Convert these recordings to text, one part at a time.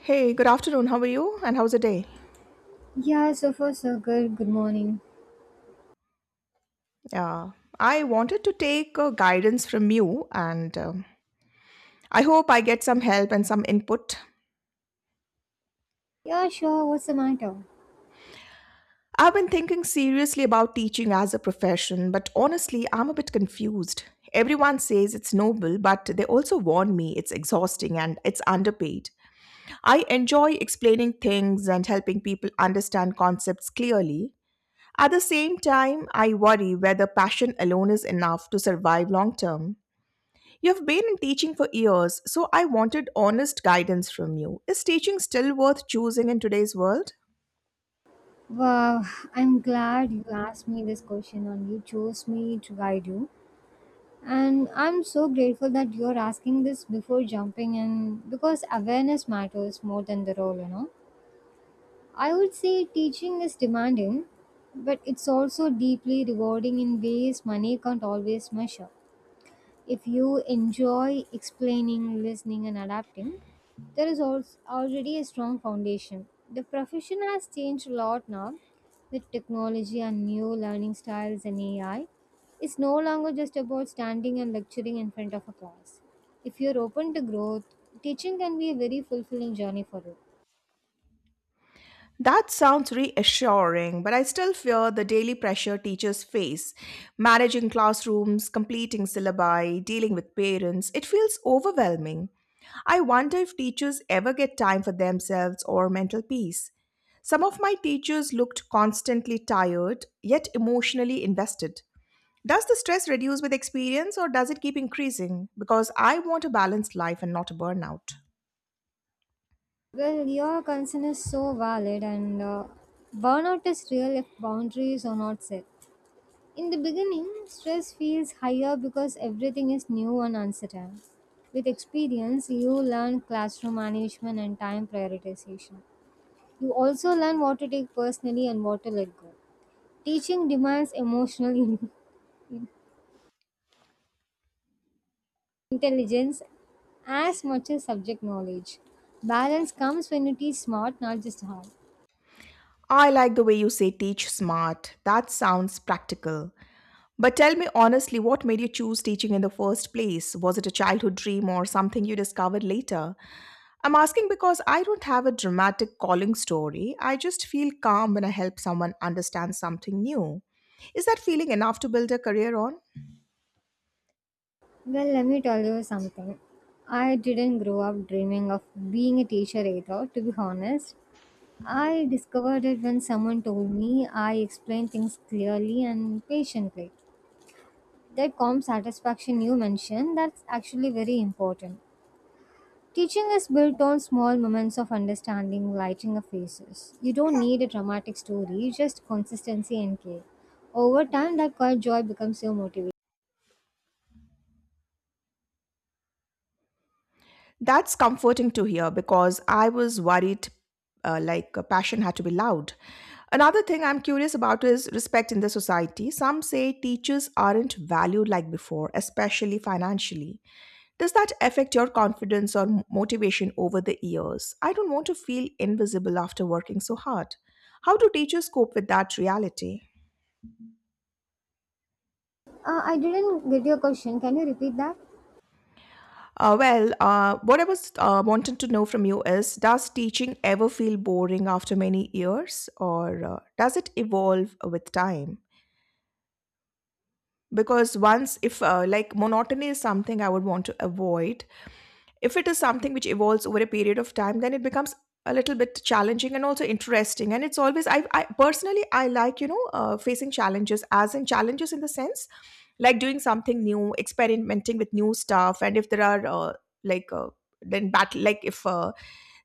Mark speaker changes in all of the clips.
Speaker 1: Hey, good afternoon. How are you? And how's the day?
Speaker 2: Yeah, so far so good. Good morning.
Speaker 1: Yeah, I wanted to take guidance from you, and I hope I get some help and some input.
Speaker 2: Yeah, sure. What's the matter?
Speaker 1: I've been thinking seriously about teaching as a profession, but honestly, I'm a bit confused. Everyone says it's noble, but they also warn me it's exhausting and it's underpaid. I enjoy explaining things and helping people understand concepts clearly. At the same time, I worry whether passion alone is enough to survive long term. You've been in teaching for years, so I wanted honest guidance from you. Is teaching still worth choosing in today's world?
Speaker 2: Wow, I'm glad you asked me this question and you chose me to guide you. And I'm so grateful that you're asking this before jumping in because Awareness matters more than the role. I would say teaching is demanding, but it's also deeply rewarding in ways money can't always measure. If you enjoy explaining, listening, and adapting, there is also already a strong foundation. The profession has changed a lot now with technology and new learning styles and AI. It's no longer just about standing and lecturing in front of a class. If you're open to growth, teaching can be a very fulfilling journey for you.
Speaker 1: That sounds reassuring, but I still fear the daily pressure teachers face. Managing classrooms, completing syllabi, dealing with parents, it feels overwhelming. I wonder if teachers ever get time for themselves or mental peace. Some of my teachers looked constantly tired, yet emotionally invested. Does the stress reduce with experience or does it keep increasing? Because I want a balanced life and not a burnout.
Speaker 2: Well, your concern is so valid, and burnout is real if boundaries are not set. In the beginning, stress feels higher because everything is new and uncertain. With experience, you learn classroom management and time prioritization. You also learn what to take personally and what to let go. Teaching demands emotional in- intelligence as much as subject knowledge. Balance comes when you teach smart, not just hard.
Speaker 1: I like the way you say teach smart. That sounds practical. But tell me honestly, what made you choose teaching in the first place? Was it a childhood dream or something you discovered later? I'm asking because I don't have a dramatic calling story. I just feel calm when I help someone understand something new. Is that feeling enough to build a career on?
Speaker 2: Well, let me tell you something. I didn't grow up dreaming of being a teacher either, to be honest. I discovered it when someone told me I explained things clearly and patiently. That calm satisfaction you mentioned, that's actually very important. Teaching is built on small moments of understanding, lighting of faces. You don't need a dramatic story, just consistency and care. Over time, that quiet joy becomes your motivation.
Speaker 1: That's comforting to hear because I was worried passion had to be loud. Another thing I'm curious about is respect in the society. Some say teachers aren't valued like before, especially financially. Does that affect your confidence or motivation over the years? I don't want to feel invisible after working so hard. How do teachers cope with that reality?
Speaker 2: I didn't get your question. Can you repeat that?
Speaker 1: What I was wanting to know from you is, does teaching ever feel boring after many years, or does it evolve with time? Because once, if like monotony is something I would want to avoid, if it is something which evolves over a period of time, then it becomes a little bit challenging and also interesting. And it's always, I personally, I like, you know, facing challenges, as in challenges in the sense like doing something new, experimenting with new stuff, and if there are like uh, then battle, like if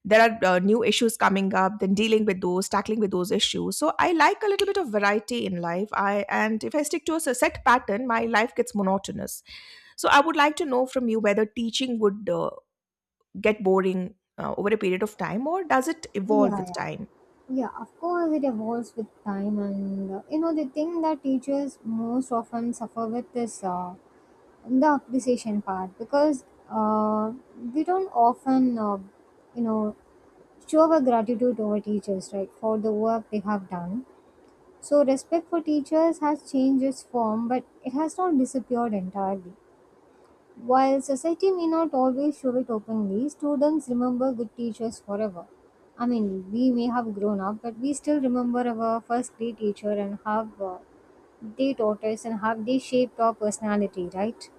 Speaker 1: there are new issues coming up, then dealing with those, tackling with those issues. So I like a little bit of variety in life, I and if I stick to a set pattern, my life gets monotonous. So I would like to know from you whether teaching would get boring over a period of time or does it evolve
Speaker 2: Yeah,
Speaker 1: with
Speaker 2: yeah.
Speaker 1: time.
Speaker 2: Yeah, of course it evolves with time, and the thing that teachers most often suffer with is the appreciation part because uh, we don't often you know show our gratitude to our teachers, right, for the work they have done. So respect for teachers has changed its form, but it has not disappeared entirely. While society may not always show it openly, students remember good teachers forever. I mean, we may have grown up, but we still remember our first grade teacher and how they taught us and how they shaped our personality, right?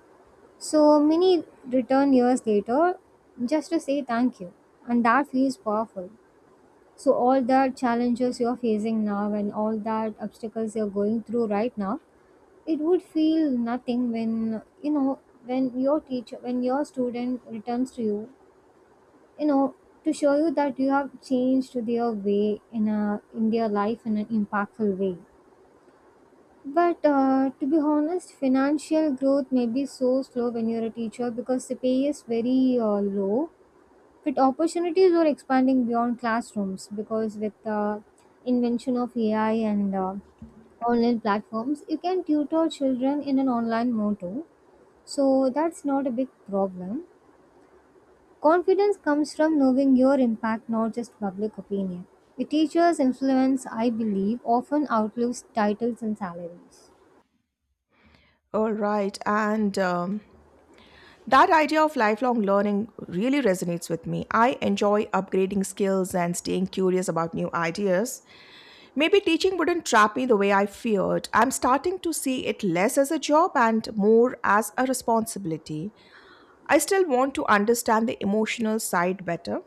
Speaker 2: So many return years later just to say thank you, and that feels powerful. So, all that challenges you're facing now and all that obstacles you're going through right now, it would feel nothing when when your teacher when your student returns to you, you know to show you that you have changed their way in a in their life in an impactful way. But to be honest, financial growth may be so slow when you're a teacher because the pay is very low, but opportunities are expanding beyond classrooms because with the invention of ai and online platforms, you can tutor children in an online mode too. So that's not a big problem. Confidence comes from knowing your impact, not just public opinion. A teacher's influence, I believe, often outlives titles and salaries.
Speaker 1: All right, and that idea of lifelong learning really resonates with me. I enjoy upgrading skills and staying curious about new ideas. Maybe teaching wouldn't trap me the way I feared. I'm starting to see it less as a job and more as a responsibility. I still want to understand the emotional side better.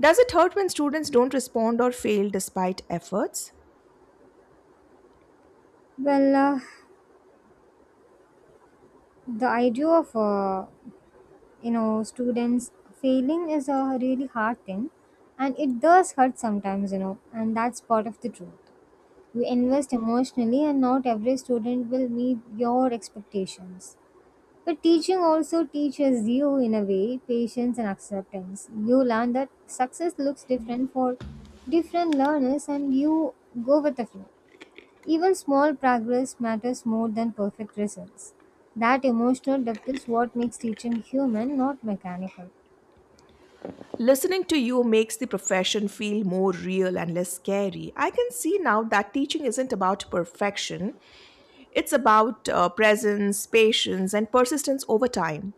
Speaker 1: Does it hurt when students don't respond or fail despite efforts?
Speaker 2: Well, the idea of students failing is a really hard thing, and it does hurt sometimes, you know, and that's part of the truth. You invest emotionally, and not every student will meet your expectations. The teaching also teaches you, in a way, patience and acceptance. You learn that success looks different for different learners, and you go with the flow. Even small progress matters more than perfect results. That emotional depth is what makes teaching human, not mechanical.
Speaker 1: Listening to you makes the profession feel more real and less scary. I can see now that teaching isn't about perfection, it's about presence, patience, and persistence over time.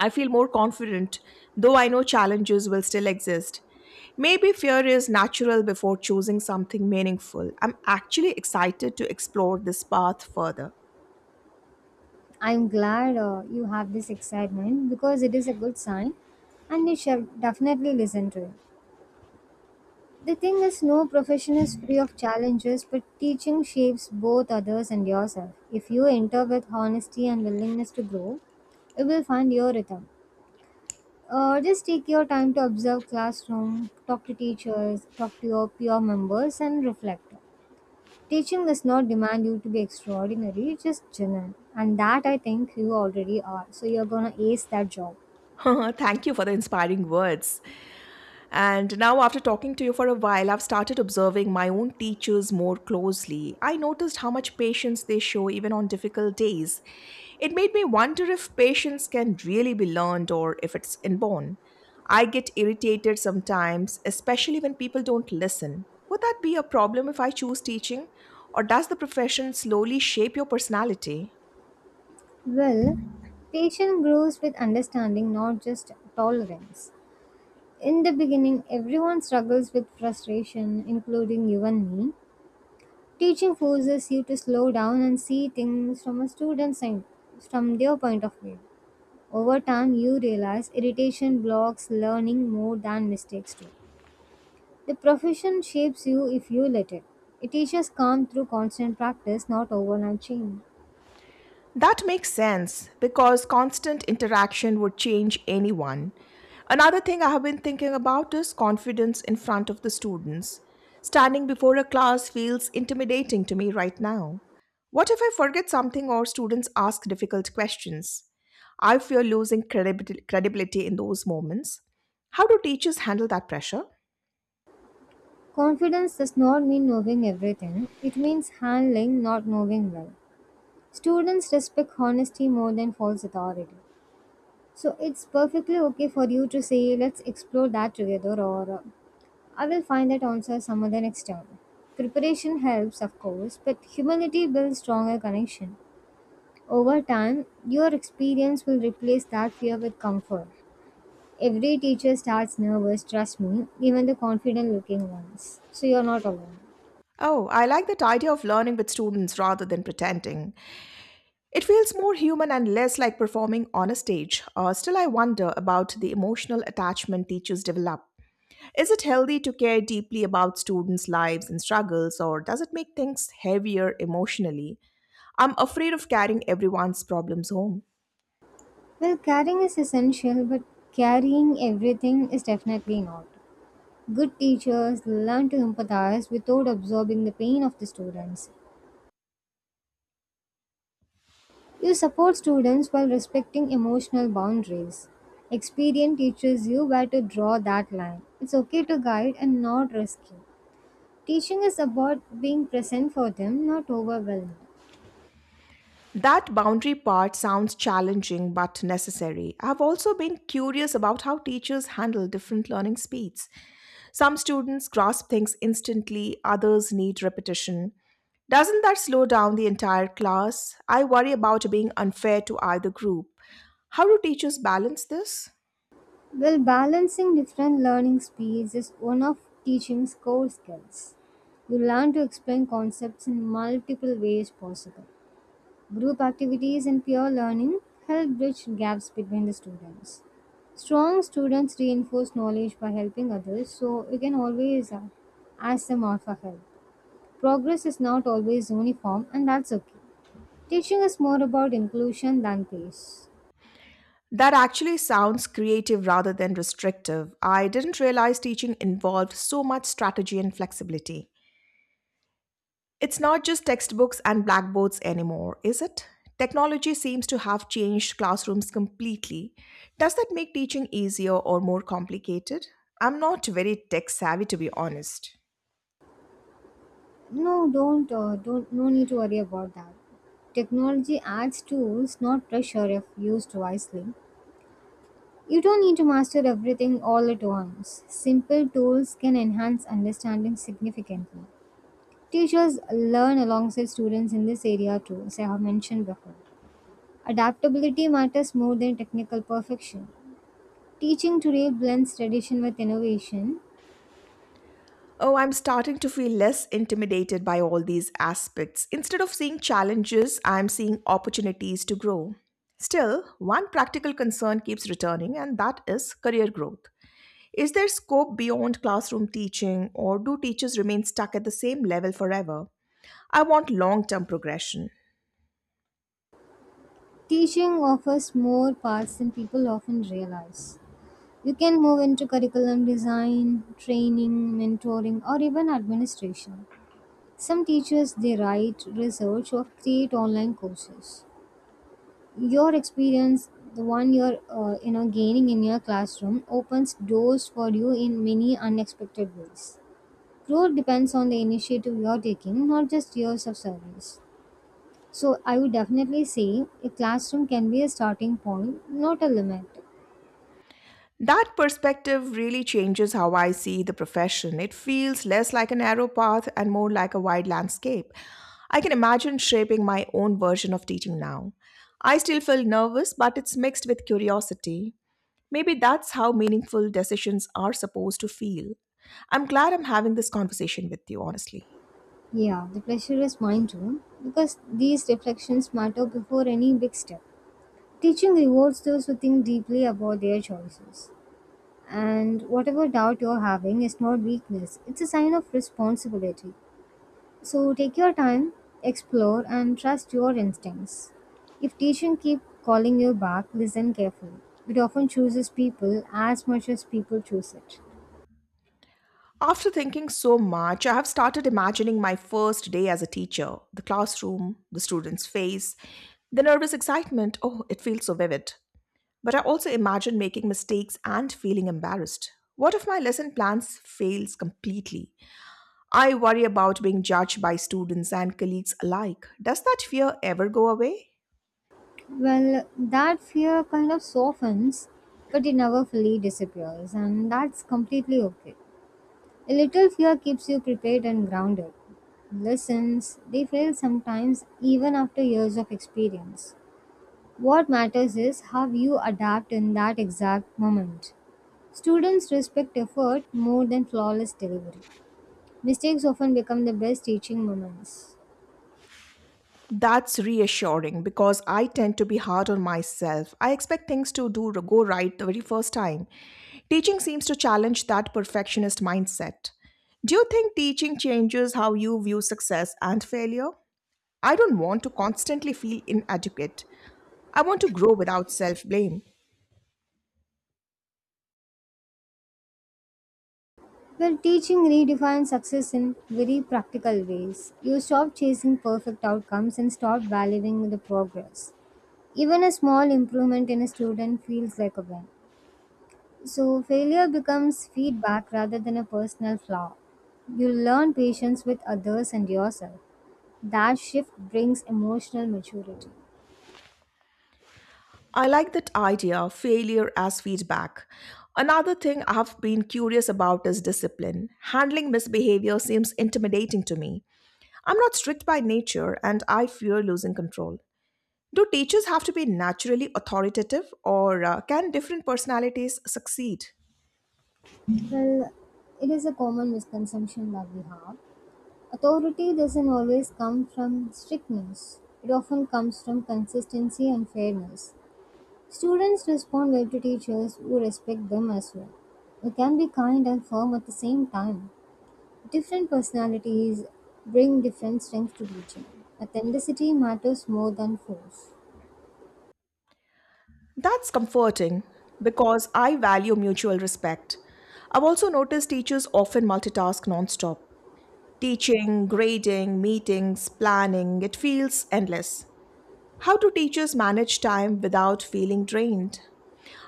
Speaker 1: I feel more confident, though I know challenges will still exist. Maybe fear is natural before choosing something meaningful. I'm actually excited to explore this path further.
Speaker 2: I'm glad you have this excitement because it is a good sign and you shall definitely listen to it. The thing is, no profession is free of challenges, but teaching shapes both others and yourself. If you enter with honesty and willingness to grow, you will find your rhythm. Just take your time to observe classroom, talk to teachers, talk to your peer members, and reflect. Teaching does not demand you to be extraordinary, just genuine. And that I think you already are. So you're gonna ace that job.
Speaker 1: Thank you for the inspiring words. And now, after talking to you for a while, I've started observing my own teachers more closely. I noticed how much patience they show even on difficult days. It made me wonder if patience can really be learned or if it's inborn. I get irritated sometimes, especially when people don't listen. Would that be a problem if I choose teaching? Or does the profession slowly shape your personality?
Speaker 2: Well, patience grows with understanding, not just tolerance. In the beginning, everyone struggles with frustration, including you and me. Teaching forces you to slow down and see things from a student's side, from their point of view. Over time, you realize irritation blocks learning more than mistakes do. The profession shapes you if you let it. It teaches calm through constant practice, not overnight change.
Speaker 1: That makes sense because constant interaction would change anyone. Another thing I have been thinking about is confidence in front of the students. Standing before a class feels intimidating to me right now. What if I forget something or students ask difficult questions? I fear losing credibility in those moments. How do teachers handle that pressure?
Speaker 2: Confidence does not mean knowing everything, it means handling not knowing well. Students respect honesty more than false authority. So it's perfectly okay for you to say, "Let's explore that together," or "I will find that answer some other next time." Preparation helps, of course, but humility builds stronger connection. Over time, your experience will replace that fear with comfort. Every teacher starts nervous, trust me, even the confident looking ones. So you're not alone.
Speaker 1: Oh, I like that idea of learning with students rather than pretending. It feels more human and less like performing on a stage. Still, I wonder about the emotional attachment teachers develop. Is it healthy to care deeply about students' lives and struggles, or does it make things heavier emotionally? I'm afraid of carrying everyone's problems home.
Speaker 2: Well, carrying is essential, but carrying everything is definitely not. Good teachers learn to empathize without absorbing the pain of the students. You support students while respecting emotional boundaries. Experience teaches you where to draw that line. It's okay to guide and not rescue. Teaching is about being present for them, not overwhelmed.
Speaker 1: That boundary part sounds challenging but necessary. I've also been curious about how teachers handle different learning speeds. Some students grasp things instantly, others need repetition. Doesn't that slow down the entire class? I worry about being unfair to either group. How do teachers balance this?
Speaker 2: Well, balancing different learning speeds is one of teaching's core skills. You learn to explain concepts in multiple ways possible. Group activities and peer learning help bridge gaps between the students. Strong students reinforce knowledge by helping others, so you can always ask them out for help. Progress is not always uniform, and that's okay. Teaching is more about inclusion than pace.
Speaker 1: That actually sounds creative rather than restrictive. I didn't realize teaching involved so much strategy and flexibility. It's not just textbooks and blackboards anymore, is it? Technology seems to have changed classrooms completely. Does that make teaching easier or more complicated? I'm not very tech savvy, to be honest.
Speaker 2: No, don't, No need to worry about that. Technology adds tools, not pressure, if used wisely. You don't need to master everything all at once. Simple tools can enhance understanding significantly. Teachers learn alongside students in this area too, as I have mentioned before. Adaptability matters more than technical perfection. Teaching today blends tradition with innovation.
Speaker 1: Oh, I'm starting to feel less intimidated by all these aspects. Instead of seeing challenges, I'm seeing opportunities to grow. Still, one practical concern keeps returning, and that is career growth. Is there scope beyond classroom teaching, or do teachers remain stuck at the same level forever? I want long term progression.
Speaker 2: Teaching offers more paths than people often realize. You can move into curriculum design, training, mentoring, or even administration. Some teachers they write research or create online courses. Your experience, the one you're gaining in your classroom, opens doors for you in many unexpected ways. Growth depends on the initiative you're taking, not just years of service. So I would definitely say a classroom can be a starting point, not a limit.
Speaker 1: That perspective really changes how I see the profession. It feels less like a narrow path and more like a wide landscape. I can imagine shaping my own version of teaching now. I still feel nervous, but it's mixed with curiosity. Maybe that's how meaningful decisions are supposed to feel. I'm glad I'm having this conversation with you, honestly.
Speaker 2: Yeah, the pressure is mine too, because these reflections matter before any big step. Teaching rewards those who think deeply about their choices. And whatever doubt you're having is not weakness, it's a sign of responsibility. So take your time, explore, and trust your instincts. If teaching keep calling you back, listen carefully. It often chooses people as much as people choose it.
Speaker 1: After thinking so much, I have started imagining my first day as a teacher, the classroom, the student's face, the nervous excitement. Oh, it feels so vivid. But I also imagine making mistakes and feeling embarrassed. What if my lesson plans fails completely? I worry about being judged by students and colleagues alike. Does that fear ever go away?
Speaker 2: Well, that fear kind of softens, but it never fully disappears, and that's completely okay. A little fear keeps you prepared and grounded. Lessons, they fail sometimes even after years of experience. What matters is how you adapt in that exact moment. Students respect effort more than flawless delivery. Mistakes often become the best teaching moments.
Speaker 1: That's reassuring because I tend to be hard on myself. I expect things to do go right the very first time. Teaching seems to challenge that perfectionist mindset. Do you think teaching changes how you view success and failure? I don't want to constantly feel inadequate. I want to grow without self blame.
Speaker 2: Well, teaching redefines success in very practical ways. You stop chasing perfect outcomes and start valuing the progress. Even a small improvement in a student feels like a win. So, failure becomes feedback rather than a personal flaw. You learn patience with others and yourself. That shift brings emotional maturity.
Speaker 1: I like that idea of failure as feedback. Another thing I have been curious about is discipline. Handling misbehavior seems intimidating to me. I'm not strict by nature and I fear losing control. Do teachers have to be naturally authoritative or can different personalities succeed?
Speaker 2: Well, it is a common misconception that we have. Authority doesn't always come from strictness, it often comes from consistency and fairness. Students respond well to teachers who respect them as well. We can be kind and firm at the same time. Different personalities bring different strengths to teaching. Authenticity matters more than force.
Speaker 1: That's comforting because I value mutual respect. I've also noticed teachers often multitask nonstop. Teaching, grading, meetings, planning, it feels endless. How do teachers manage time without feeling drained?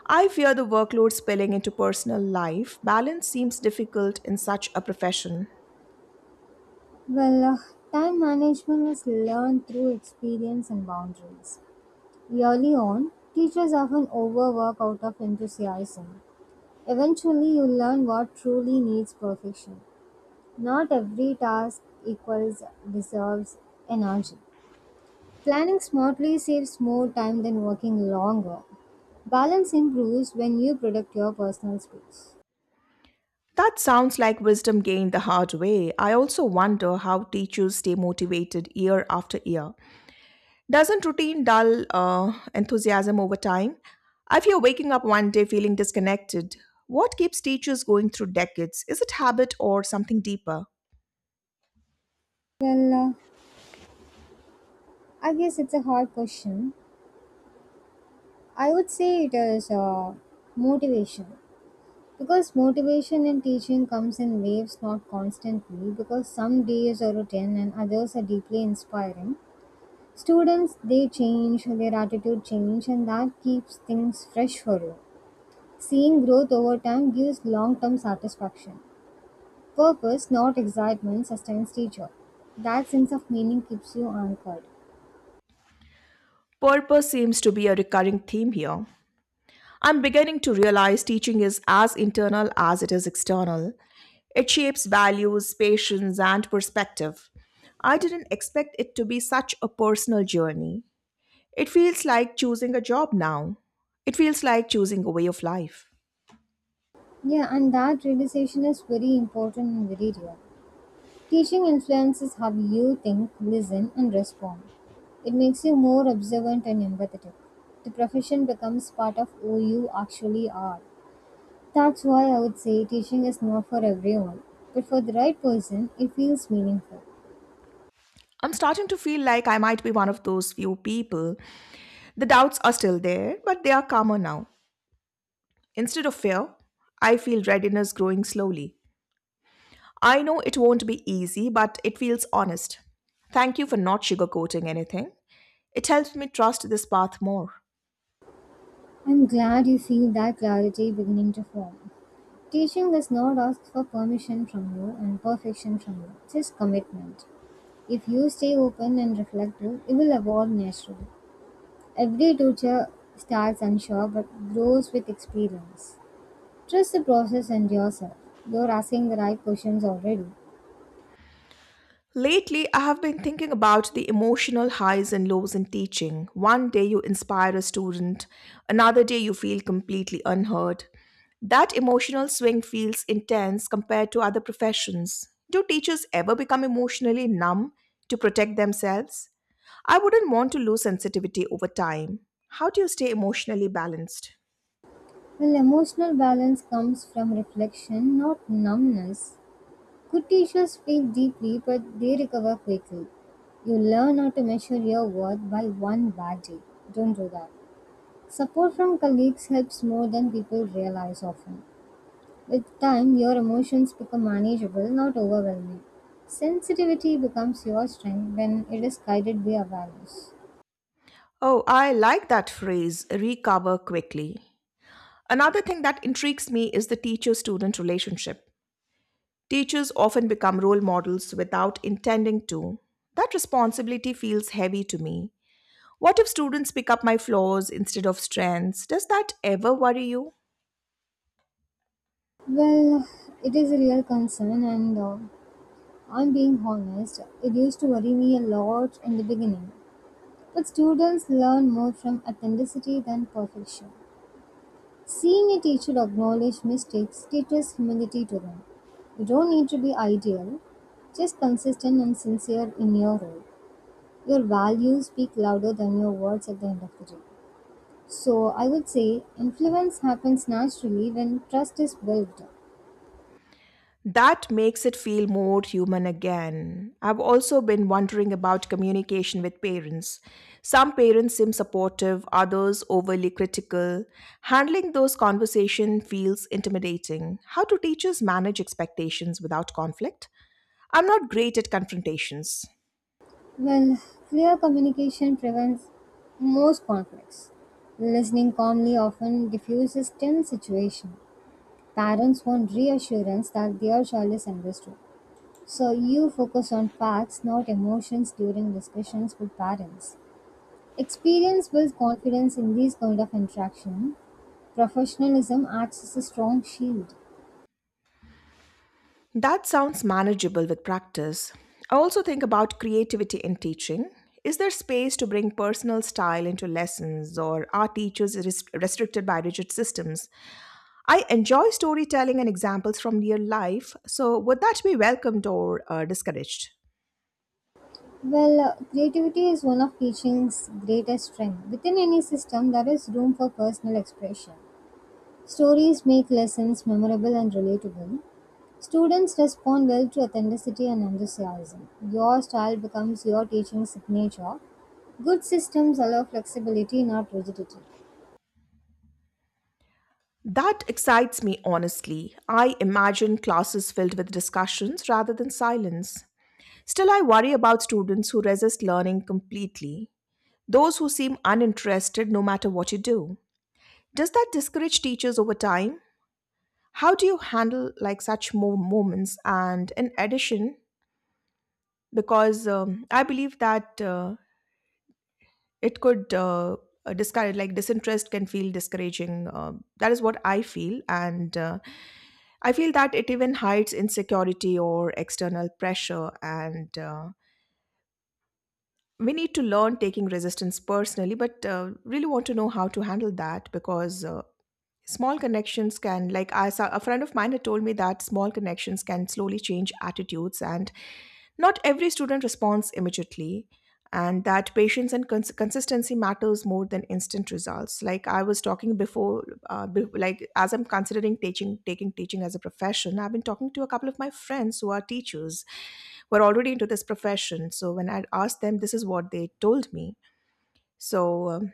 Speaker 1: I fear the workload spilling into personal life. Balance seems difficult in such a profession.
Speaker 2: Well, time management is learned through experience and boundaries. Early on, teachers often overwork out of enthusiasm. Eventually, you learn what truly needs perfection. Not every task equals deserves energy. Planning smartly saves more time than working longer. Balance improves when you protect your personal space.
Speaker 1: That sounds like wisdom gained the hard way. I also wonder how teachers stay motivated year after year. Doesn't routine dull enthusiasm over time? I fear waking up one day feeling disconnected. What keeps teachers going through decades? Is it habit or something deeper?
Speaker 2: Well, I guess it's a hard question. I would say it is motivation. Because motivation in teaching comes in waves, not constantly, because some days are routine and others are deeply inspiring. Students, they change, their attitude change, and that keeps things fresh for you. Seeing growth over time gives long term satisfaction. Purpose, not excitement, sustains teacher. That sense of meaning keeps you anchored.
Speaker 1: Purpose seems to be a recurring theme here. I'm beginning to realize teaching is as internal as it is external. It shapes values, patience, and perspective. I didn't expect it to be such a personal journey. It feels like choosing a job now. It feels like choosing a way of life.
Speaker 2: Yeah, and that realization is very important and very real. Teaching influences how you think, listen, and respond. It makes you more observant and empathetic. The profession becomes part of who you actually are. That's why I would say teaching is not for everyone, but for the right person, it feels meaningful.
Speaker 1: I'm starting to feel like I might be one of those few people. The doubts are still there, but they are calmer now. Instead of fear, I feel readiness growing slowly. I know it won't be easy, but it feels honest. Thank you for not sugarcoating anything. It helps me trust this path more.
Speaker 2: I'm glad you feel that clarity beginning to form. Teaching does not ask for permission from you and perfection from you, just commitment. If you stay open and reflective, it will evolve naturally. Every teacher starts unsure but grows with experience. Trust the process and yourself. You're asking the right questions already.
Speaker 1: Lately, I have been thinking about the emotional highs and lows in teaching. One day you inspire a student, another day you feel completely unheard. That emotional swing feels intense compared to other professions. Do teachers ever become emotionally numb to protect themselves? I wouldn't want to lose sensitivity over time. How do you stay emotionally balanced?
Speaker 2: Well, emotional balance comes from reflection, not numbness. Good teachers feel deeply, but they recover quickly. You learn how to measure your worth by one bad day. Don't do that. Support from colleagues helps more than people realize often. With time, your emotions become manageable, not overwhelming. Sensitivity becomes your strength when it is guided by awareness.
Speaker 1: Oh, I like that phrase, recover quickly. Another thing that intrigues me is the teacher student relationship. Teachers often become role models without intending to. That responsibility feels heavy to me. What if students pick up my flaws instead of strengths? Does that ever worry you?
Speaker 2: Well, it is a real concern, and I'm being honest, it used to worry me a lot in the beginning. But students learn more from authenticity than perfection. Seeing a teacher acknowledge mistakes teaches humility to them. You don't need to be ideal, just consistent and sincere in your role. Your values speak louder than your words at the end of the day. So I would say influence happens naturally when trust is built.
Speaker 1: That makes it feel more human again. I've also been wondering about communication with parents. Some parents seem supportive, others overly critical. Handling those conversations feels intimidating. How do teachers manage expectations without conflict? I'm not great at confrontations.
Speaker 2: Well, clear communication prevents most conflicts. Listening calmly often diffuses tense situation. Parents want reassurance that their child is understood. So you focus on facts, not emotions, during discussions with parents. Experience builds confidence in these kind of interaction. Professionalism acts as a strong shield.
Speaker 1: That sounds manageable with practice. I also think about creativity in teaching. Is there space to bring personal style into lessons, or are teachers restricted by rigid systems? I enjoy storytelling and examples from real life, so would that be welcomed or discouraged?
Speaker 2: Well, creativity is one of teaching's greatest strengths. Within any system, there is room for personal expression. Stories make lessons memorable and relatable. Students respond well to authenticity and enthusiasm. Your style becomes your teaching signature. Good systems allow flexibility, not rigidity.
Speaker 1: That excites me, honestly. I imagine classes filled with discussions rather than silence. Still, I worry about students who resist learning completely, those who seem uninterested no matter what you do. Does that discourage teachers over time? How do you handle like such moments? And in addition, because I believe that it could discourage, like disinterest can feel discouraging. That is what I feel, and I feel that it even hides insecurity or external pressure. And we need to learn taking resistance personally, but really want to know how to handle that, because small connections can, like I saw, a friend of mine had told me that small connections can slowly change attitudes, and not every student responds immediately, and that patience and consistency matters more than instant results. Like I was talking before, like as I'm considering teaching, taking teaching as a profession, I've been talking to a couple of my friends who are teachers, who are already into this profession. So when I asked them, this is what they told me. So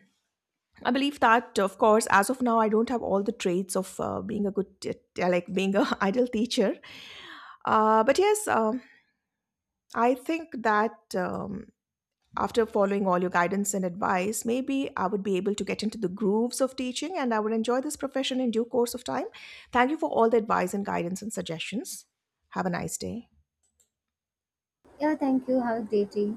Speaker 1: I believe that, of course, as of now, I don't have all the traits of being a good, like being a ideal teacher. But yes, I think that after following all your guidance and advice, maybe I would be able to get into the grooves of teaching, and I would enjoy this profession in due course of time. Thank you for all the advice and guidance and suggestions. Have a nice day.
Speaker 2: Yeah, thank you. Have a great day.